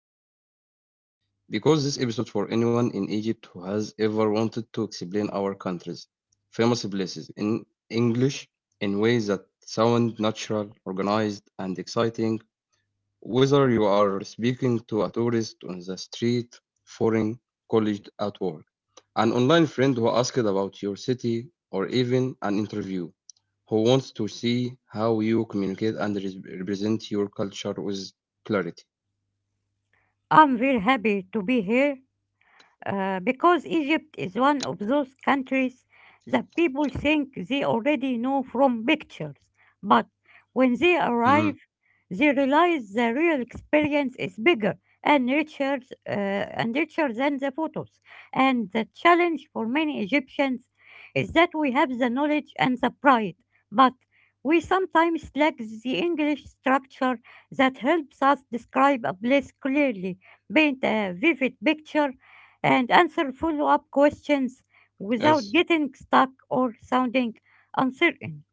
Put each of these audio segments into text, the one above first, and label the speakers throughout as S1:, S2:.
S1: joining us today. Because this episode for anyone in Egypt who has ever wanted to explain our country's famous places in English in ways that sound natural, organized, and exciting whether you are speaking to a tourist on the street, foreign colleague at work, an online friend who asked about your city, or even an interview who wants to see how you communicate and represent your culture with clarity.
S2: I'm very happy to be here because Egypt is one of those countries that people think they already know from pictures. But when they arrive,
S1: Hmm.
S2: they realize the real experience is bigger and richer, and richer than the photos. And the challenge for many Egyptians is that we have the knowledge and the pride, but we sometimes lack the English structure that helps us describe a place clearly, paint a vivid picture, and answer follow up questions
S1: Yes.
S2: without getting stuck or sounding uncertain.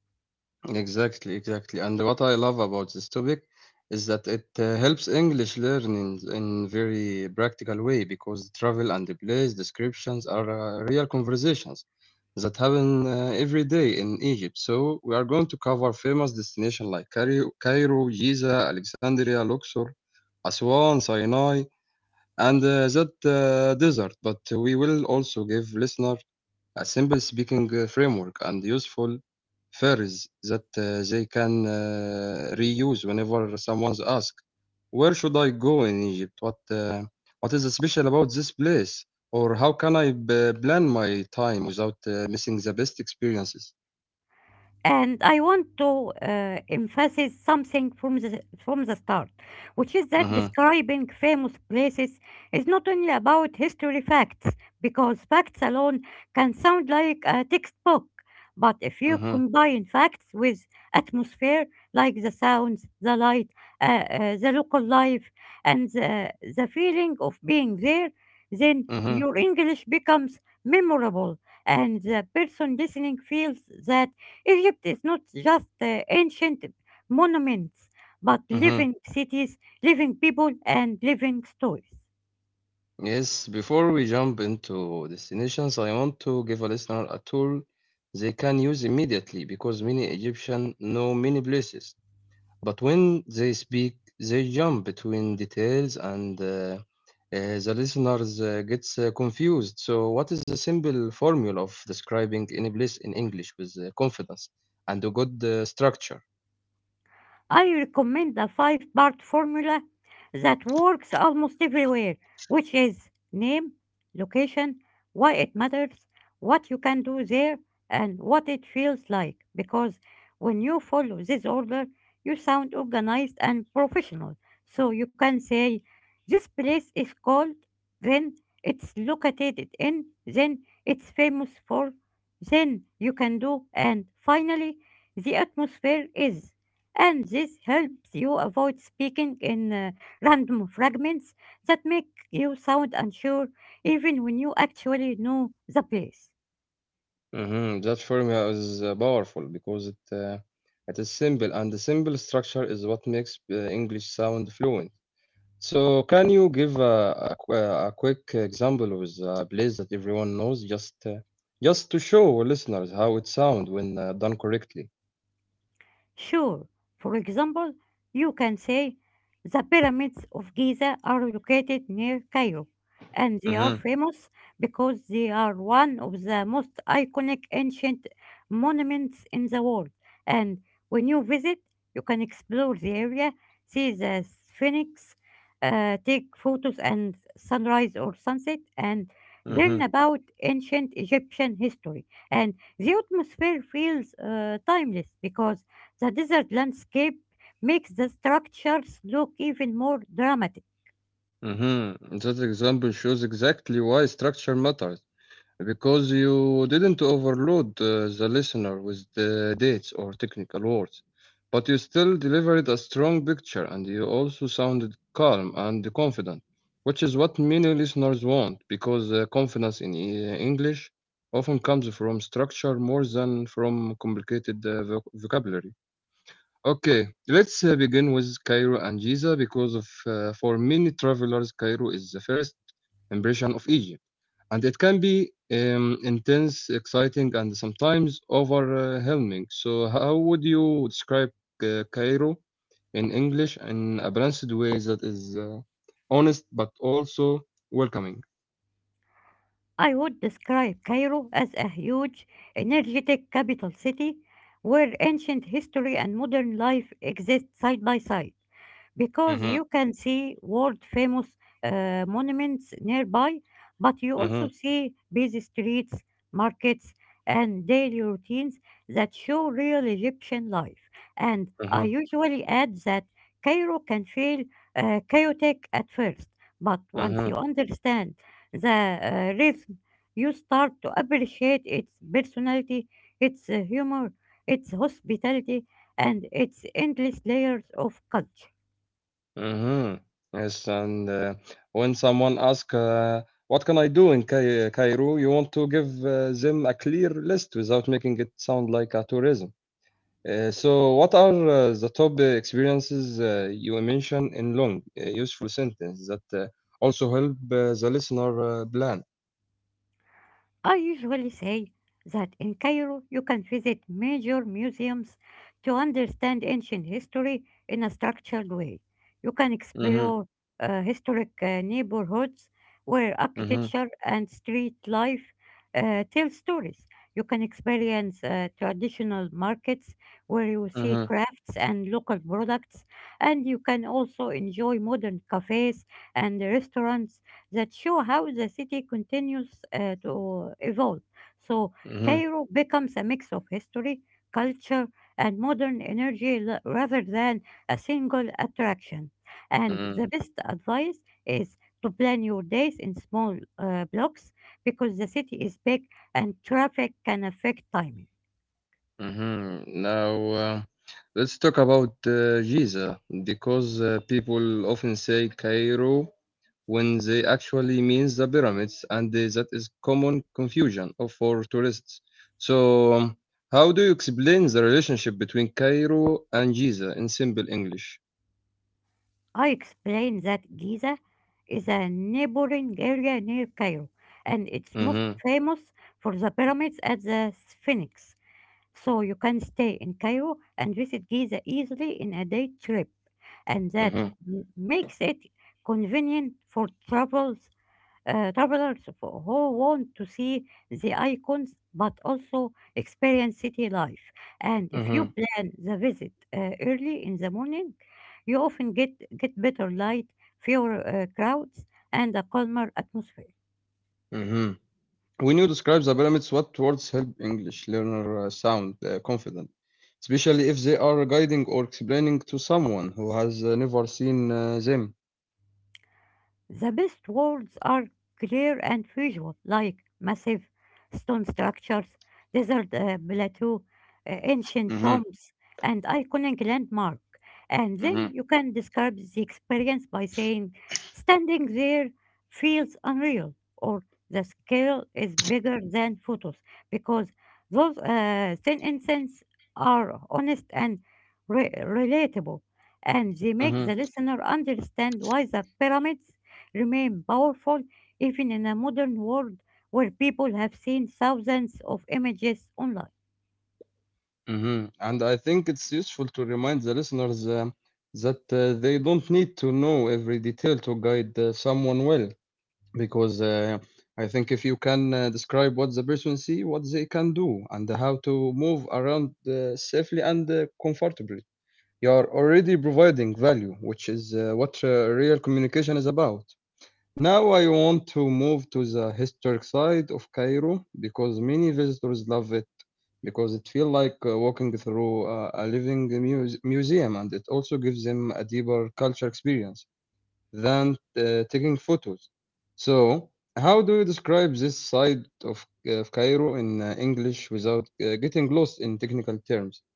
S1: Exactly, exactly. And what I love about this topic is that it helps English learning in very practical way because travel and the place descriptions are real conversations that happen every day in Egypt. So we are going to cover famous destinations like Cairo, Giza, Alexandria, Luxor, Aswan, Sinai, and that desert. But we will also give listener a simple speaking framework and useful phrase that they can reuse whenever someone's asked, where should I go in Egypt? What is special about this place? Or how can I plan my time without missing the best experiences?
S2: And I want to emphasize something from the start, which is that
S1: Mm-hmm.
S2: describing famous places is not only about history facts, because facts alone can sound like a textbook. But if you
S1: Mm-hmm.
S2: combine facts with atmosphere, like the sounds, the light, the local life, and the feeling of being there, then
S1: Mm-hmm.
S2: your English becomes memorable, and the person listening feels that Egypt is not just ancient monuments, but
S1: Mm-hmm.
S2: living cities, living people, and living stories.
S1: Yes, before we jump into destinations, I want to give a listener a tool they can use immediately because many Egyptians know many places. But when they speak, they jump between details and the listeners gets confused. So what is the simple formula of describing any place in English with confidence and a good structure?
S2: I recommend a five-part formula that works almost everywhere, which is name, location, why it matters, what you can do there, and what it feels like. Because when you follow this order, you sound organized and professional. So you can say, this place is called, then it's located in, then it's famous for, then you can do, and finally, the atmosphere is, and this helps you avoid speaking in random fragments that make you sound unsure even when you actually know the place.
S1: That formula is powerful because it is simple and the simple structure is what makes English sound fluent. So, can you give a quick example with a place that everyone knows, just to show listeners how it sounds when done correctly?
S2: Sure. For example, you can say the pyramids of Giza are located near Cairo, and they are
S1: Mm-hmm.
S2: famous because they are one of the most iconic ancient monuments in the world. And when you visit, you can explore the area, see the Sphinx, take photos and sunrise or sunset, and
S1: Mm-hmm.
S2: learn about ancient Egyptian history. And the atmosphere feels timeless because the desert landscape makes the structures look even more dramatic.
S1: Mm-hmm. That example shows exactly why structure matters, because you didn't overload the listener with the dates or technical words, but you still delivered a strong picture and you also sounded calm and confident, which is what many listeners want because confidence in English often comes from structure more than from complicated vocabulary. Okay. Let's begin with Cairo and Giza because for many travelers, Cairo is the first impression of Egypt and it can be intense, exciting, and sometimes overwhelming. So, how would you describe Cairo in English in a balanced way that is honest but also welcoming?
S2: I would describe Cairo as a huge, energetic capital city where ancient history and modern life exist side by side, because
S1: Mm-hmm.
S2: you can see world famous monuments nearby, but you also
S1: Mm-hmm.
S2: see busy streets, markets, and daily routines that show real Egyptian life. And I
S1: Mm-hmm.
S2: usually add that Cairo can feel chaotic at first, but once
S1: Mm-hmm.
S2: you understand the rhythm, you start to appreciate its personality, its humor, its hospitality, and its endless layers of culture.
S1: Mm-hmm. Yes, and when someone asks, "What can I do in Cairo?" You want to give them a clear list without making it sound like a tourism. So, what are the top experiences you mentioned in long, useful sentence that also help the listener plan?
S2: I usually say that in Cairo you can visit major museums to understand ancient history in a structured way. You can
S1: Mm-hmm.
S2: explore historic neighborhoods where
S1: Mm-hmm.
S2: architecture and street life tell stories. You can experience traditional markets where you see
S1: Mm-hmm.
S2: crafts and local products, and you can also enjoy modern cafes and restaurants that show how the city continues to evolve. So Cairo becomes a mix of history, culture, and modern energy rather than a single attraction. And
S1: Mm-hmm.
S2: the best advice is to plan your days in small blocks because the city is big and traffic can affect timing.
S1: Mm-hmm. Now. Let's talk about Giza because people often say Cairo when they actually means the pyramids, and that is common confusion for tourists. So, how do you explain the relationship between Cairo and Giza in simple English?
S2: I explained that Giza is a neighboring area near Cairo and it's most
S1: Hmm.
S2: famous for the pyramids at the Sphinx. So you can stay in Cairo and visit Giza easily in a day trip, and that
S1: Hmm.
S2: makes it convenient for travelers who want to see the icons but also experience city life. And if you
S1: Hmm.
S2: plan the visit early in the morning, you often get better light, fewer crowds, and a calmer atmosphere.
S1: Hmm. When you describe the pyramids, what words help English learner sound confident, especially if they are guiding or explaining to someone who has never seen them?
S2: The best words are clear and visual, like massive stone structures, desert plateau, ancient
S1: Mhm.
S2: tombs, and iconic landmark. And
S1: Mhm.
S2: then you can describe the experience by saying, standing there feels unreal, or the scale is bigger than photos, because those sentences are honest and relatable, and they make
S1: Mhm.
S2: the listener understand why the pyramids remain powerful even in a modern world where people have seen thousands of images online.
S1: Mhm. And I think it's useful to remind the listeners that they don't need to know every detail to guide someone well, because I think if you can describe what the person see, what they can do, and how to move around safely and comfortably, you are already providing value, which is what real communication is about. Now I want to move to the historic side of Cairo because many visitors love it because it feels like walking through a living museum and it also gives them a deeper culture experience than taking photos. So, how do you describe this side of Cairo in English without getting lost in technical terms?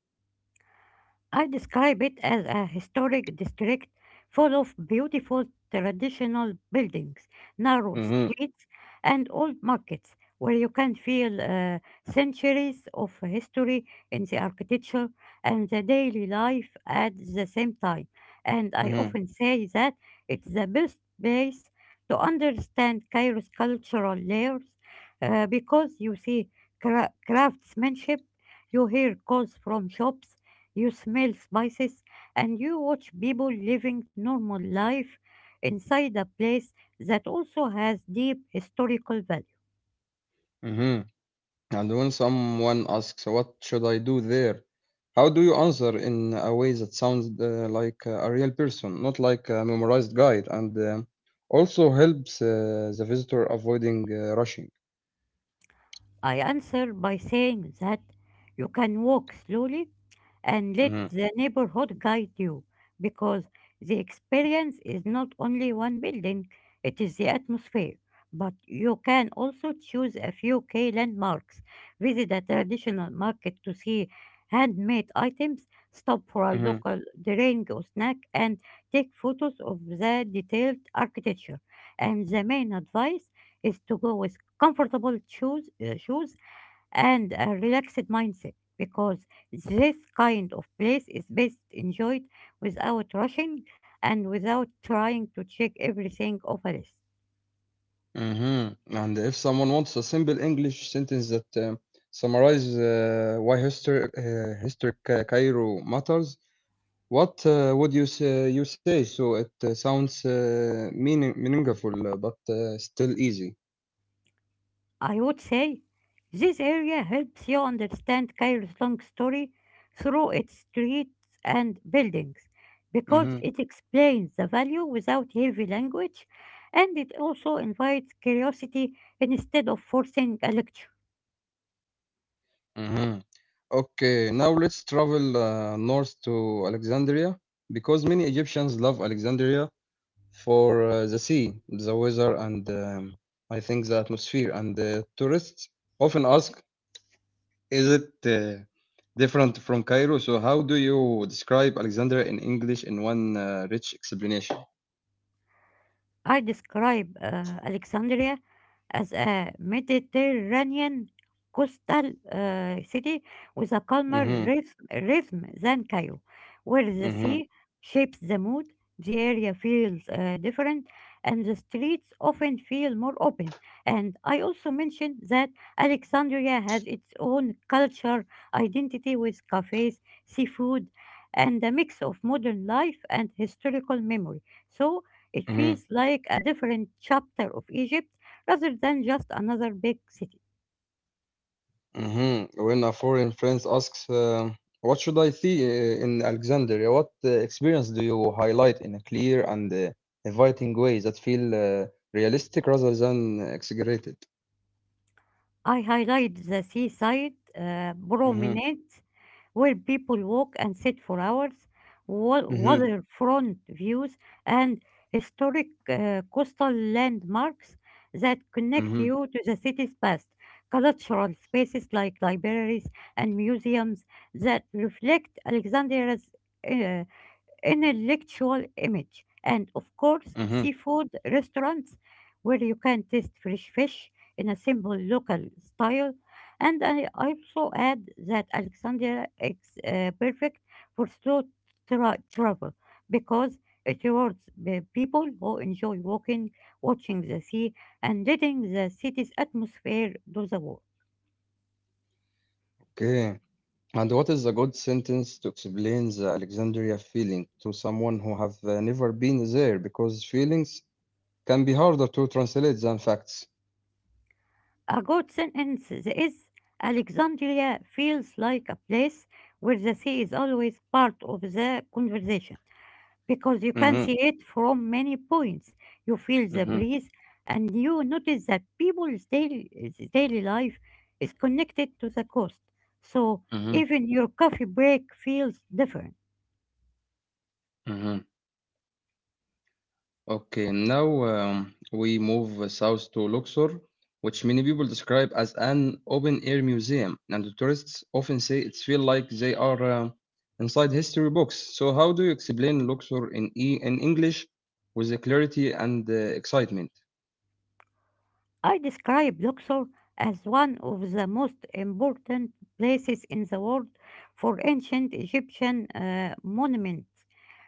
S2: I describe it as a historic district full of beautiful traditional buildings, narrow
S1: Hmm.
S2: streets, and old markets where you can feel centuries of history in the architecture and the daily life at the same time. And I
S1: Hmm.
S2: often say that it's the best place to understand Cairo's cultural layers because you see craftsmanship, you hear calls from shops, you smell spices, and you watch people living normal life inside a place that also has deep historical value.
S1: Hmm. And when someone asks, what should I do there? How do you answer in a way that sounds like a real person, not like a memorized guide, and um also helps the visitor avoiding rushing?
S2: I answer by saying that you can walk slowly and let
S1: Hmm.
S2: the neighborhood guide you because the experience is not only one building, it is the atmosphere. But you can also choose a few key landmarks, visit a traditional market to see handmade items, stop for a
S1: Hmm.
S2: local drink or snack, and take photos of the detailed architecture. And the main advice is to go with comfortable shoes and a relaxed mindset because this kind of place is best enjoyed without rushing and without trying to check everything off a list.
S1: Hmm. And if someone wants a simple English sentence that summarizes why history Cairo matters, what would you say so it sounds meaningful but still easy?
S2: I would say this area helps you understand Cairo's long story through its streets and buildings because
S1: Mhm.
S2: it explains the value without heavy language, and it also invites curiosity instead of forcing a lecture.
S1: Mhm. Okay, now let's travel north to Alexandria because many Egyptians love Alexandria for the sea, the weather, and I think the atmosphere. And tourists often ask, is it different from Cairo? So, how do you describe Alexandria in English in one rich explanation?
S2: I describe Alexandria as a Mediterranean coastal city with a calmer
S1: Mm-hmm.
S2: rhythm than Cairo, where the
S1: Mm-hmm.
S2: sea shapes the mood, the area feels different, and the streets often feel more open. And I also mentioned that Alexandria has its own culture, identity with cafes, seafood, and a mix of modern life and historical memory. So it feels like a different chapter of Egypt rather than just another big city.
S1: Mhm. When a foreign friend asks, what should I see in Alexandria? What experience do you highlight in a clear and inviting way that feel realistic rather than exaggerated?
S2: I highlight the seaside
S1: Mm-hmm.
S2: promenades where people walk and sit for hours,
S1: Mm-hmm.
S2: waterfront views, and historic coastal landmarks that connect
S1: Mm-hmm.
S2: you to the city's past. Cultural spaces like libraries and museums that reflect Alexandria's uh, intellectual image. And of course,
S1: Mm-hmm.
S2: seafood restaurants where you can taste fresh fish in a simple local style. And I also add that Alexandria is perfect for slow travel because it rewards the people who enjoy walking, watching the sea, and letting the city's atmosphere do the work.
S1: Okay. And what is a good sentence to explain the Alexandria feeling to someone who have never been there? Because feelings can be harder to translate than facts.
S2: A good sentence is, Alexandria feels like a place where the sea is always part of the conversation because you can
S1: Mm-hmm.
S2: see it from many points. You feel the
S1: Mm-hmm.
S2: breeze and you notice that people's daily life is connected to the coast. So
S1: Mm-hmm.
S2: even your coffee break feels different.
S1: Mm-hmm. Okay, now we move south to Luxor, which many people describe as an open-air museum, and the tourists often say it feel like they are inside history books. So, how do you explain Luxor in English with the clarity and the excitement?
S2: I describe Luxor as one of the most important places in the world for ancient Egyptian monuments,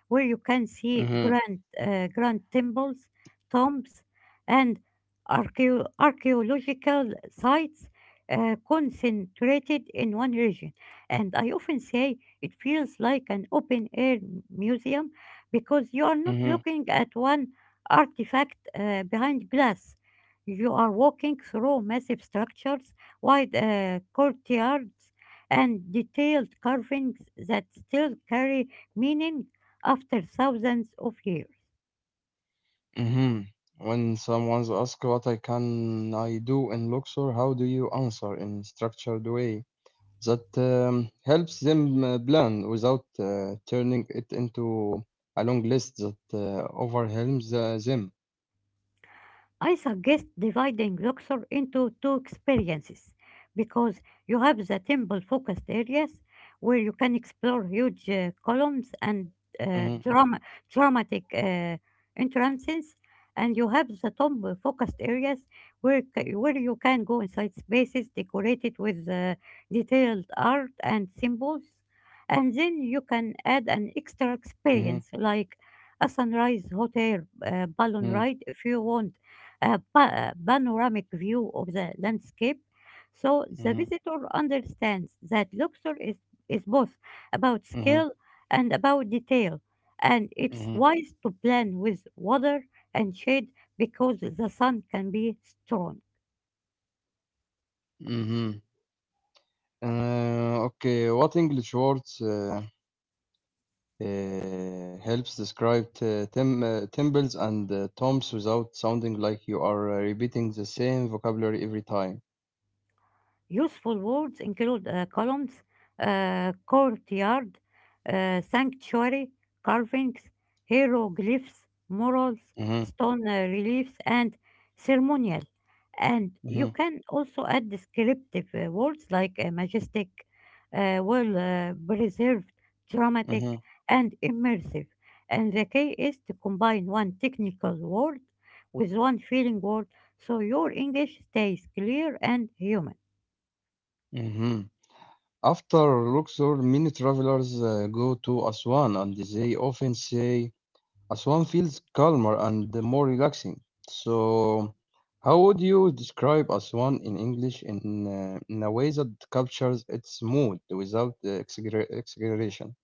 S2: where you can see
S1: Mm-hmm.
S2: grand temples, tombs, and archaeological sites concentrated in one region. And I often say it feels like an open air museum because you are not
S1: Mm-hmm.
S2: looking at one artifact behind glass, you are walking through massive structures, wide courtyards, and detailed carvings that still carry meaning after thousands of years.
S1: Mm-hmm. When someone's asked what I can I do in Luxor, how do you answer in structured way that helps them plan without turning it into a long list that overwhelms them?
S2: I suggest dividing Luxor into two experiences because you have the temple focused areas where you can explore huge columns and uh,
S1: Mhm.
S2: drama- dramatic entrances, and you have the temple focused areas where you can go inside spaces decorated with detailed art and symbols. And then you can add an extra
S1: Mhm.
S2: experience like a sunrise hotel balloon
S1: Mhm.
S2: ride if you want a panoramic view of the landscape. So the
S1: Mhm.
S2: visitor understands that Luxor is both about
S1: Mhm.
S2: skill and about detail. And it's
S1: Mhm.
S2: wise to plan with water and shade because the sun can be strong.
S1: Mhm. Okay, what English words helps describe temples and tombs without sounding like you are repeating the same vocabulary every time?
S2: Useful words include columns, courtyard, sanctuary, carvings, hieroglyphs, murals,
S1: Mhm.
S2: stone reliefs, and ceremonial. And you
S1: Mhm.
S2: can also add descriptive words like majestic, well preserved, dramatic,
S1: Mhm.
S2: and immersive. And the key is to combine one technical word with one feeling word so your English stays clear and human.
S1: Mhm. After Luxor, many travelers go to Aswan and they often say Aswan feels calmer and more relaxing. So, how would you describe Aswan in English in a way that captures its mood without exaggeration?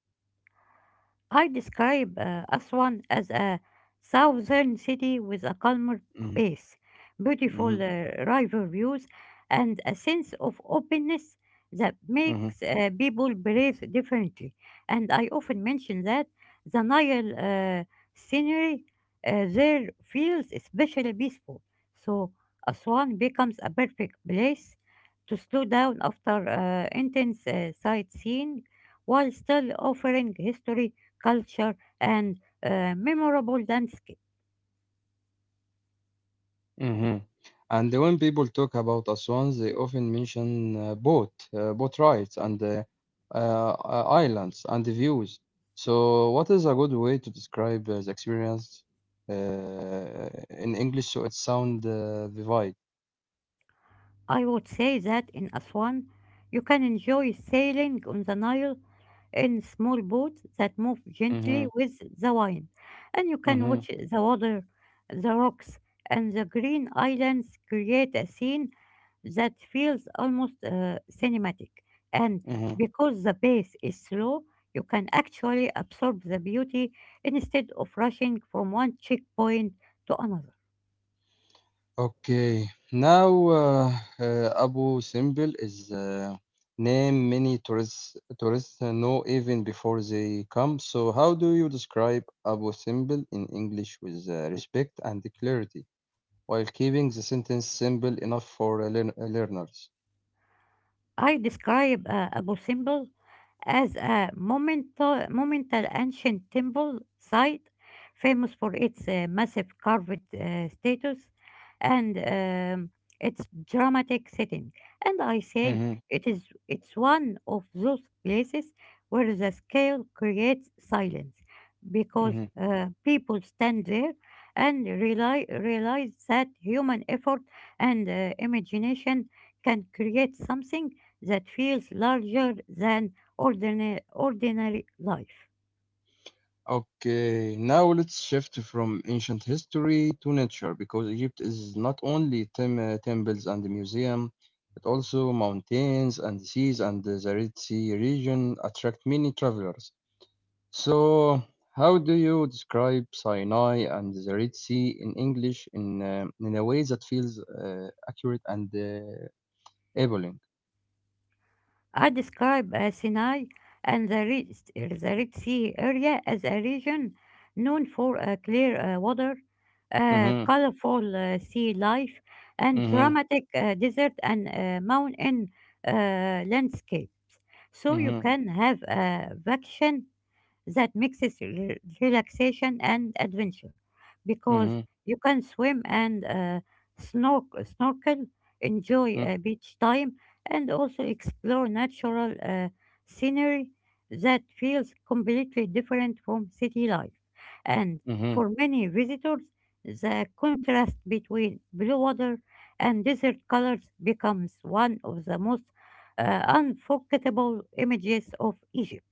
S2: I describe Aswan as a southern city with a calmer
S1: Mhm.
S2: pace, beautiful
S1: Mhm.
S2: river views, and a sense of openness that
S1: Mhm.
S2: makes people breathe differently. And I often mention that the Nile scenery there feels especially peaceful. So Aswan becomes a perfect place to slow down after intense sightseeing while still offering history, culture, and memorable landscapes.
S1: Mhm. And when people talk about Aswan, they often mention boat rides, and uh, islands and the views. So, what is a good way to describe the experience uh, in English so it sound vivid?
S2: I would say that in Aswan, you can enjoy sailing on the Nile in small boats that move gently
S1: Mhm.
S2: with the wind, and you can
S1: Mhm.
S2: watch the water, the rocks, and the green islands create a scene that feels almost cinematic. And
S1: Mhm.
S2: because the pace is slow, you can actually absorb the beauty instead of rushing from one checkpoint to another.
S1: Okay. Now, Abu Simbel is name many tourists know even before they come. So, how do you describe Abu Simbel in English with respect and clarity while keeping the sentence simple enough for learners?
S2: I describe Abu Simbel as a monumental ancient temple site famous for its massive carved status and its dramatic setting. And I say
S1: Mhm.
S2: it's one of those places where the scale creates silence because
S1: Mhm.
S2: people stand there and realize that human effort and imagination can create something that feels larger than ordinary life.
S1: Okay, now let's shift from ancient history to nature because Egypt is not only temples and museum, but also mountains and seas and the Red Sea region attract many travelers. So, how do you describe Sinai and the Red Sea in English in a way that feels accurate and appealing?
S2: I describe Sinai and the Red Sea area as a region known for clear water,
S1: Mm-hmm.
S2: colorful sea life, and
S1: Mm-hmm.
S2: dramatic desert and mountain landscape. So you
S1: Mm-hmm.
S2: can have a vacation that mixes relaxation and adventure because
S1: Mm-hmm.
S2: you can swim and snorkel, enjoy
S1: Mm-hmm.
S2: beach time, and also explore natural scenery that feels completely different from city life. And
S1: Mm-hmm.
S2: for many visitors, the contrast between blue water and desert colors becomes one of the most unforgettable images of Egypt.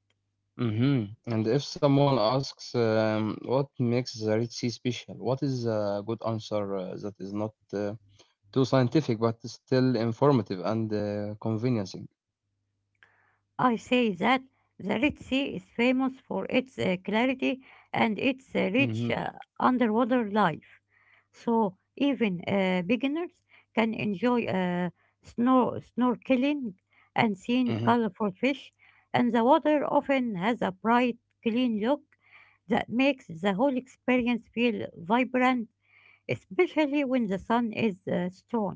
S1: Mhm. And if someone asks, what makes the Red Sea special? What is a good answer that is not too scientific but still informative and convincing?
S2: I say that the Red Sea is famous for its clarity and its rich
S1: Mhm.
S2: underwater life. So even beginners can enjoy snorkeling and seeing
S1: Mhm.
S2: colorful fish, and the water often has a bright, clean look that makes the whole experience feel vibrant, especially when the sun is strong.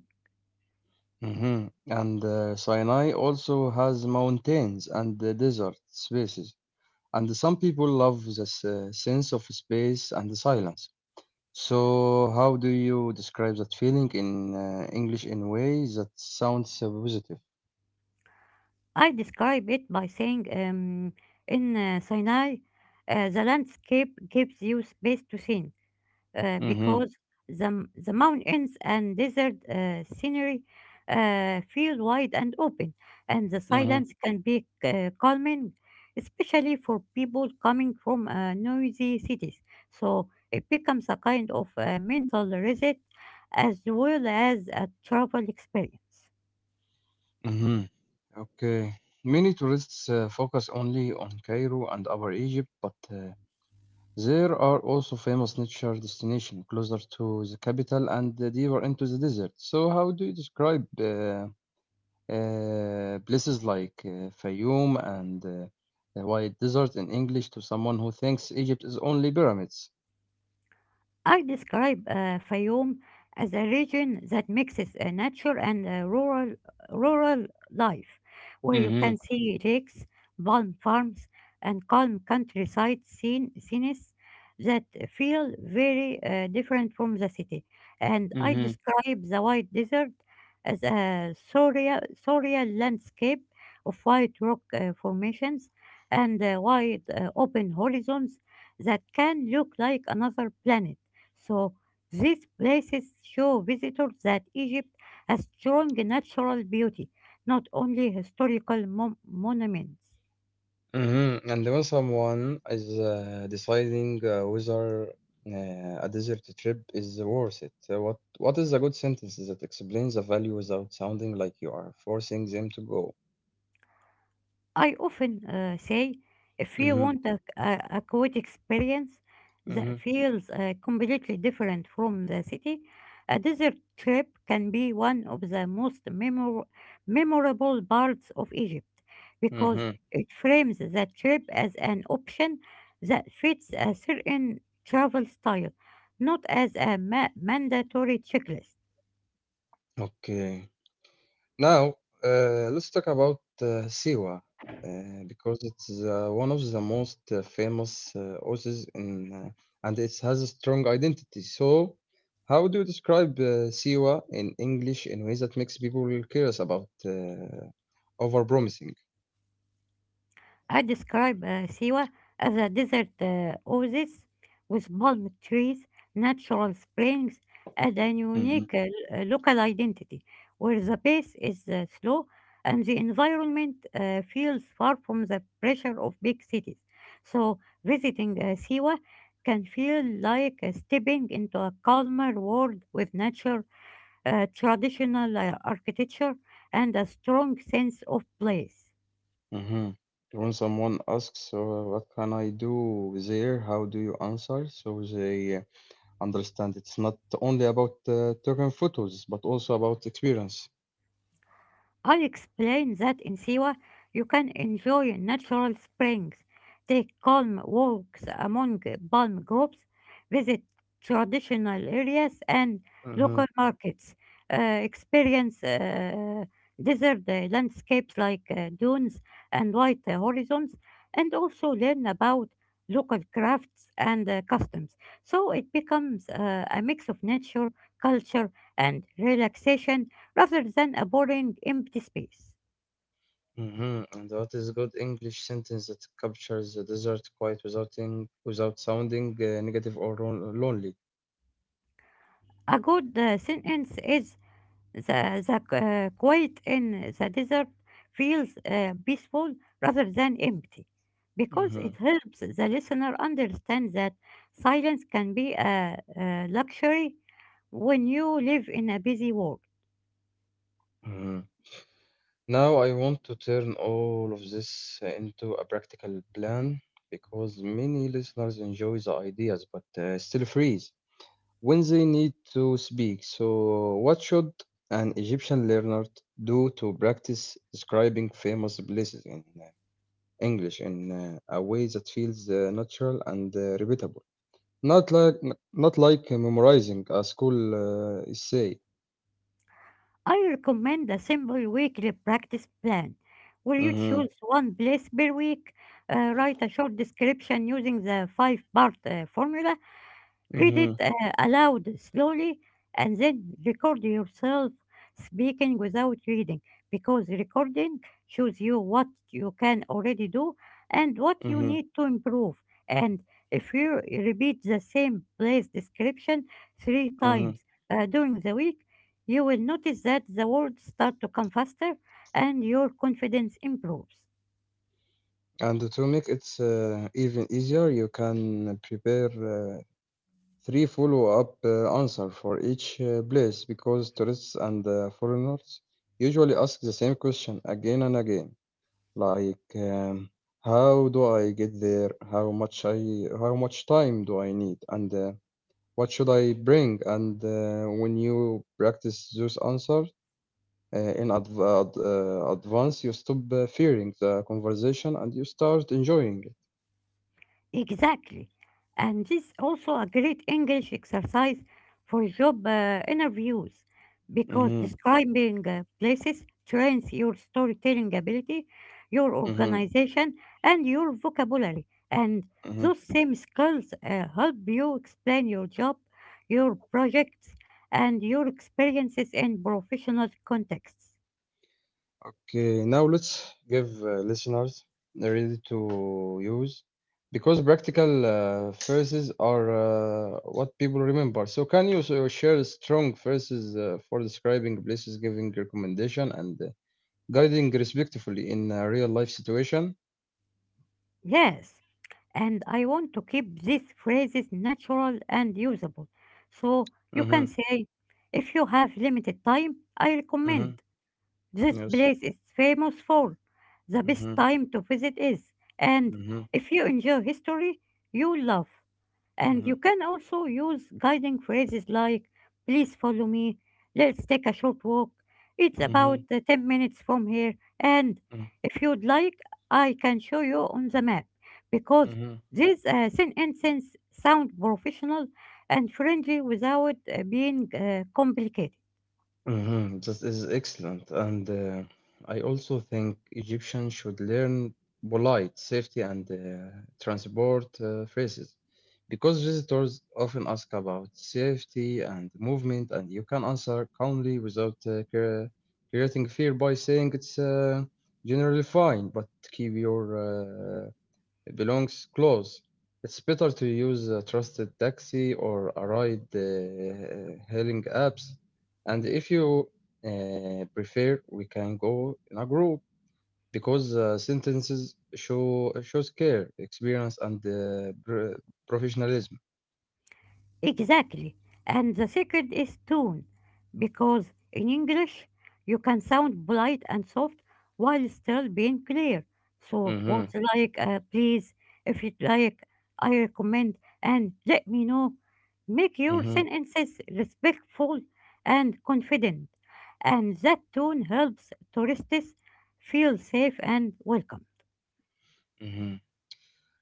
S1: Mhm. And Sinai also has mountains and desert spaces. And some people love this sense of space and silence. So, how do you describe that feeling in English in a way that sounds positive?
S2: I describe it by saying, in Sinai, the landscape gives you space to think
S1: Mm-hmm.
S2: because the mountains and desert scenery feel wide and open, and the silence can be calming, especially for people coming from noisy cities. So it becomes a kind of mental reset as well as a travel experience.
S1: Hmm. Okay. Many tourists focus only on Cairo and Upper Egypt, but there are also famous nature destinations closer to the capital and deeper into the desert. So, how do you describe places like Fayoum and the White Desert in English to someone who thinks Egypt is only pyramids?
S2: I describe Fayoum as a region that mixes nature and rural life, where you
S1: Mm-hmm.
S2: can see lakes, palm farms, and calm scenes that feel very different from the city. And I describe the White Desert as a surreal landscape of white rock formations and wide open horizons that can look like another planet. So these places show visitors that Egypt has strong natural beauty, not only historical monuments.
S1: Mhm. And when someone is deciding whether a desert trip is worth it, what is a good sentence that explains the value without sounding like you are forcing them to go?
S2: I often say, if you
S1: Mm-hmm.
S2: want a quiet experience
S1: Mm-hmm.
S2: that feels completely different from the city, a desert trip can be one of the most memorable parts of Egypt because
S1: Mm-hmm.
S2: it frames the trip as an option that fits a certain travel style, not as a mandatory checklist.
S1: Okay. Now, let's talk about Siwa uh, because it's one of the most famous oases and it has a strong identity. So, how do you describe Siwa in English in ways that makes people really curious about overpromising?
S2: I describe Siwa as a desert oasis with palm trees, natural springs, and a
S1: Mm-hmm.
S2: unique local identity, where the pace is slow and the environment feels far from the pressure of big cities. So, visiting Siwa can feel like stepping into a calmer world with nature, traditional architecture, and a strong sense of place.
S1: Mm-hmm. When someone asks, "So, what can I do there?" How do you answer? So they understand it's not only about taking photos, but also about experience.
S2: I'll explain that in Siwa you can enjoy natural springs, take calm walks among palm groves, visit traditional areas and local
S1: Mhm.
S2: markets, experience desert landscapes like dunes and white horizons, and also learn about local crafts and customs. So it becomes a mix of nature, culture, and relaxation rather than a boring empty space.
S1: Mhm. And what is a good English sentence that captures the desert quite without sounding negative or lonely?
S2: A good sentence is, the, the quiet in the desert feels peaceful rather than empty, because
S1: Mhm.
S2: it helps the listener understand that silence can be a luxury when you live in a busy world.
S1: Mhm. Now I want to turn all of this into a practical plan because many listeners enjoy the ideas but still freeze when they need to speak. So, what should an Egyptian learner do to practice describing famous places in English in a way that feels natural and repeatable? Not like not like memorizing a school essay.
S2: I recommend a simple weekly practice plan where you
S1: Mm-hmm.
S2: choose one place per week, write a short description using the five part formula, read
S1: Mm-hmm.
S2: it aloud slowly, and then record yourself speaking without reading, because recording shows you what you can already do and what you
S1: Mm-hmm.
S2: need to improve. And if you repeat the same place description three
S1: Mm-hmm.
S2: times during the week, you will notice that the words start to come faster and your confidence improves.
S1: And to make it even easier, you can prepare three follow-up answer for each place because tourists and foreigners usually ask the same question again and again, like how do I get there? How much time do I need? And what should I bring? And when you practice those answers in advance, you stop fearing the conversation and you start enjoying it.
S2: Exactly. And this is also a great English exercise for job interviews, because
S1: Mm-hmm,
S2: describing places trains your storytelling ability, your
S1: mm-hmm,
S2: organization, and your vocabulary. And
S1: mm-hmm.
S2: those same skills help you explain your job, your projects, and your experiences in professional contexts.
S1: Okay, now let's give listeners ready to use because practical phrases are what people remember. So, can you share strong phrases for describing places, giving recommendation, and guiding respectfully in a real life situation?
S2: Yes, and I want to keep these phrases natural and usable. So you can
S1: Mhm,
S2: say, if you have limited time, I recommend.
S1: mhm,
S2: This
S1: yes.
S2: place is famous for. The best
S1: Mhm,
S2: time to visit is. And
S1: mhm,
S2: if you enjoy history, you love. And
S1: mhm,
S2: you can also use guiding phrases like, please follow me, let's take a short walk, it's about
S1: mhm,
S2: 10 minutes from here, and
S1: mhm,
S2: if you'd like, I can show you on the map. Because
S1: mhm,
S2: these sentences sound professional and friendly without being complicated.
S1: mhm. That is excellent. And I also think Egyptians should learn polite safety and transport phrases because visitors often ask about safety and movement, and you can answer calmly without creating fear by saying it's generally fine, but keep your it belongs close. It's better to use a trusted taxi or a ride hailing apps. And if you prefer, we can go in a group because sentences shows care, experience, and professionalism.
S2: Exactly. And the secret is tone, because in English you can sound polite and soft while still being clear. So
S1: Hmm.
S2: words like please, if you like, I recommend, and let me know make your
S1: Hmm.
S2: sentences respectful and confident. And that tone helps tourists feel safe and welcome.
S1: Hmm.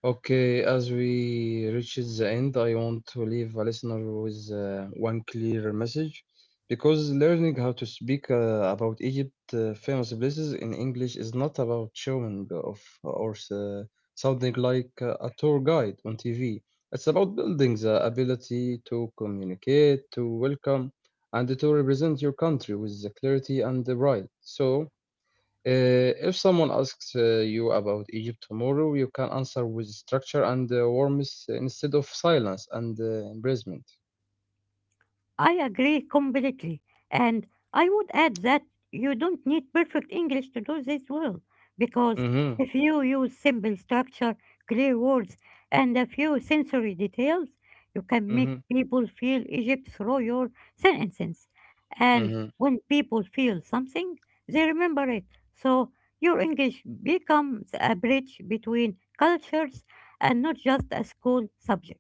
S1: Okay, as we reach the end, I want to leave a listener with one clear message because learning how to speak about Egypt famous places in English is not about showing off or sounding like a tour guide on TV. It's about building the ability to communicate, to welcome, and to represent your country with the clarity and the pride. So, if someone asks you about Egypt tomorrow, you can answer with structure and warmth instead of silence and embracement.
S2: I agree completely. And I would add that you don't need perfect English to do this well, because
S1: Mm-hmm,
S2: if you use simple structure, clear words, and a few sensory details, you can make
S1: mm-hmm,
S2: people feel Egypt through your sentences. And
S1: mm-hmm,
S2: when people feel something, they remember it. So your English becomes a bridge between cultures and not just a school subject.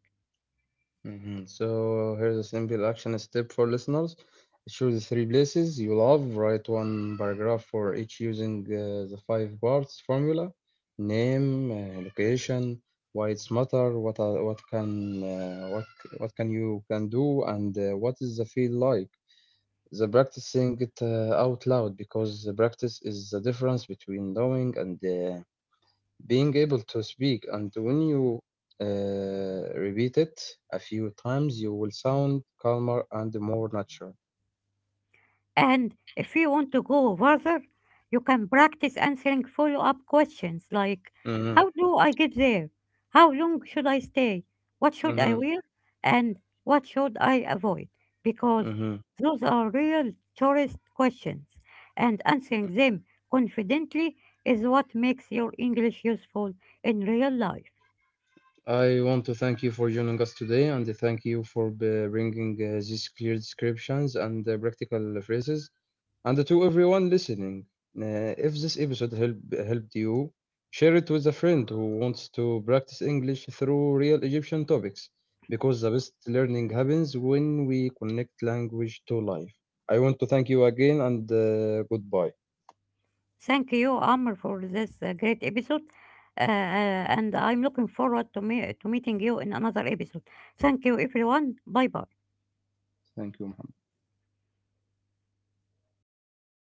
S1: mm-hmm. So here's a simple action step for listeners. Choose three places you love. Write one paragraph for each using the five parts formula: name, location, why it's matter, what can you can do, and what is the feel like. The Practicing it out loud because the practice is the difference between knowing and being able to speak. And when you repeat it a few times you will sound calmer and more natural.
S2: And if you want to go further, you can practice answering follow up questions like,
S1: Hmm.
S2: how do I get there? How long should I stay? What should
S1: Hmm.
S2: I wear? And what should I avoid? Because
S1: Hmm.
S2: those are real tourist questions, and answering them confidently is what makes your English useful in real life.
S1: I want to thank you for joining us today and thank you for bringing these clear descriptions and practical phrases. And to everyone listening, if this helped you, share it with a friend who wants to practice English through real Egyptian topics, because the best learning happens when we connect language to life. I want to thank you again and goodbye.
S2: Thank you, Amr, for this great episode. And I'm looking forward to meeting you in another episode. Thank you, everyone. Bye bye.
S1: Thank you.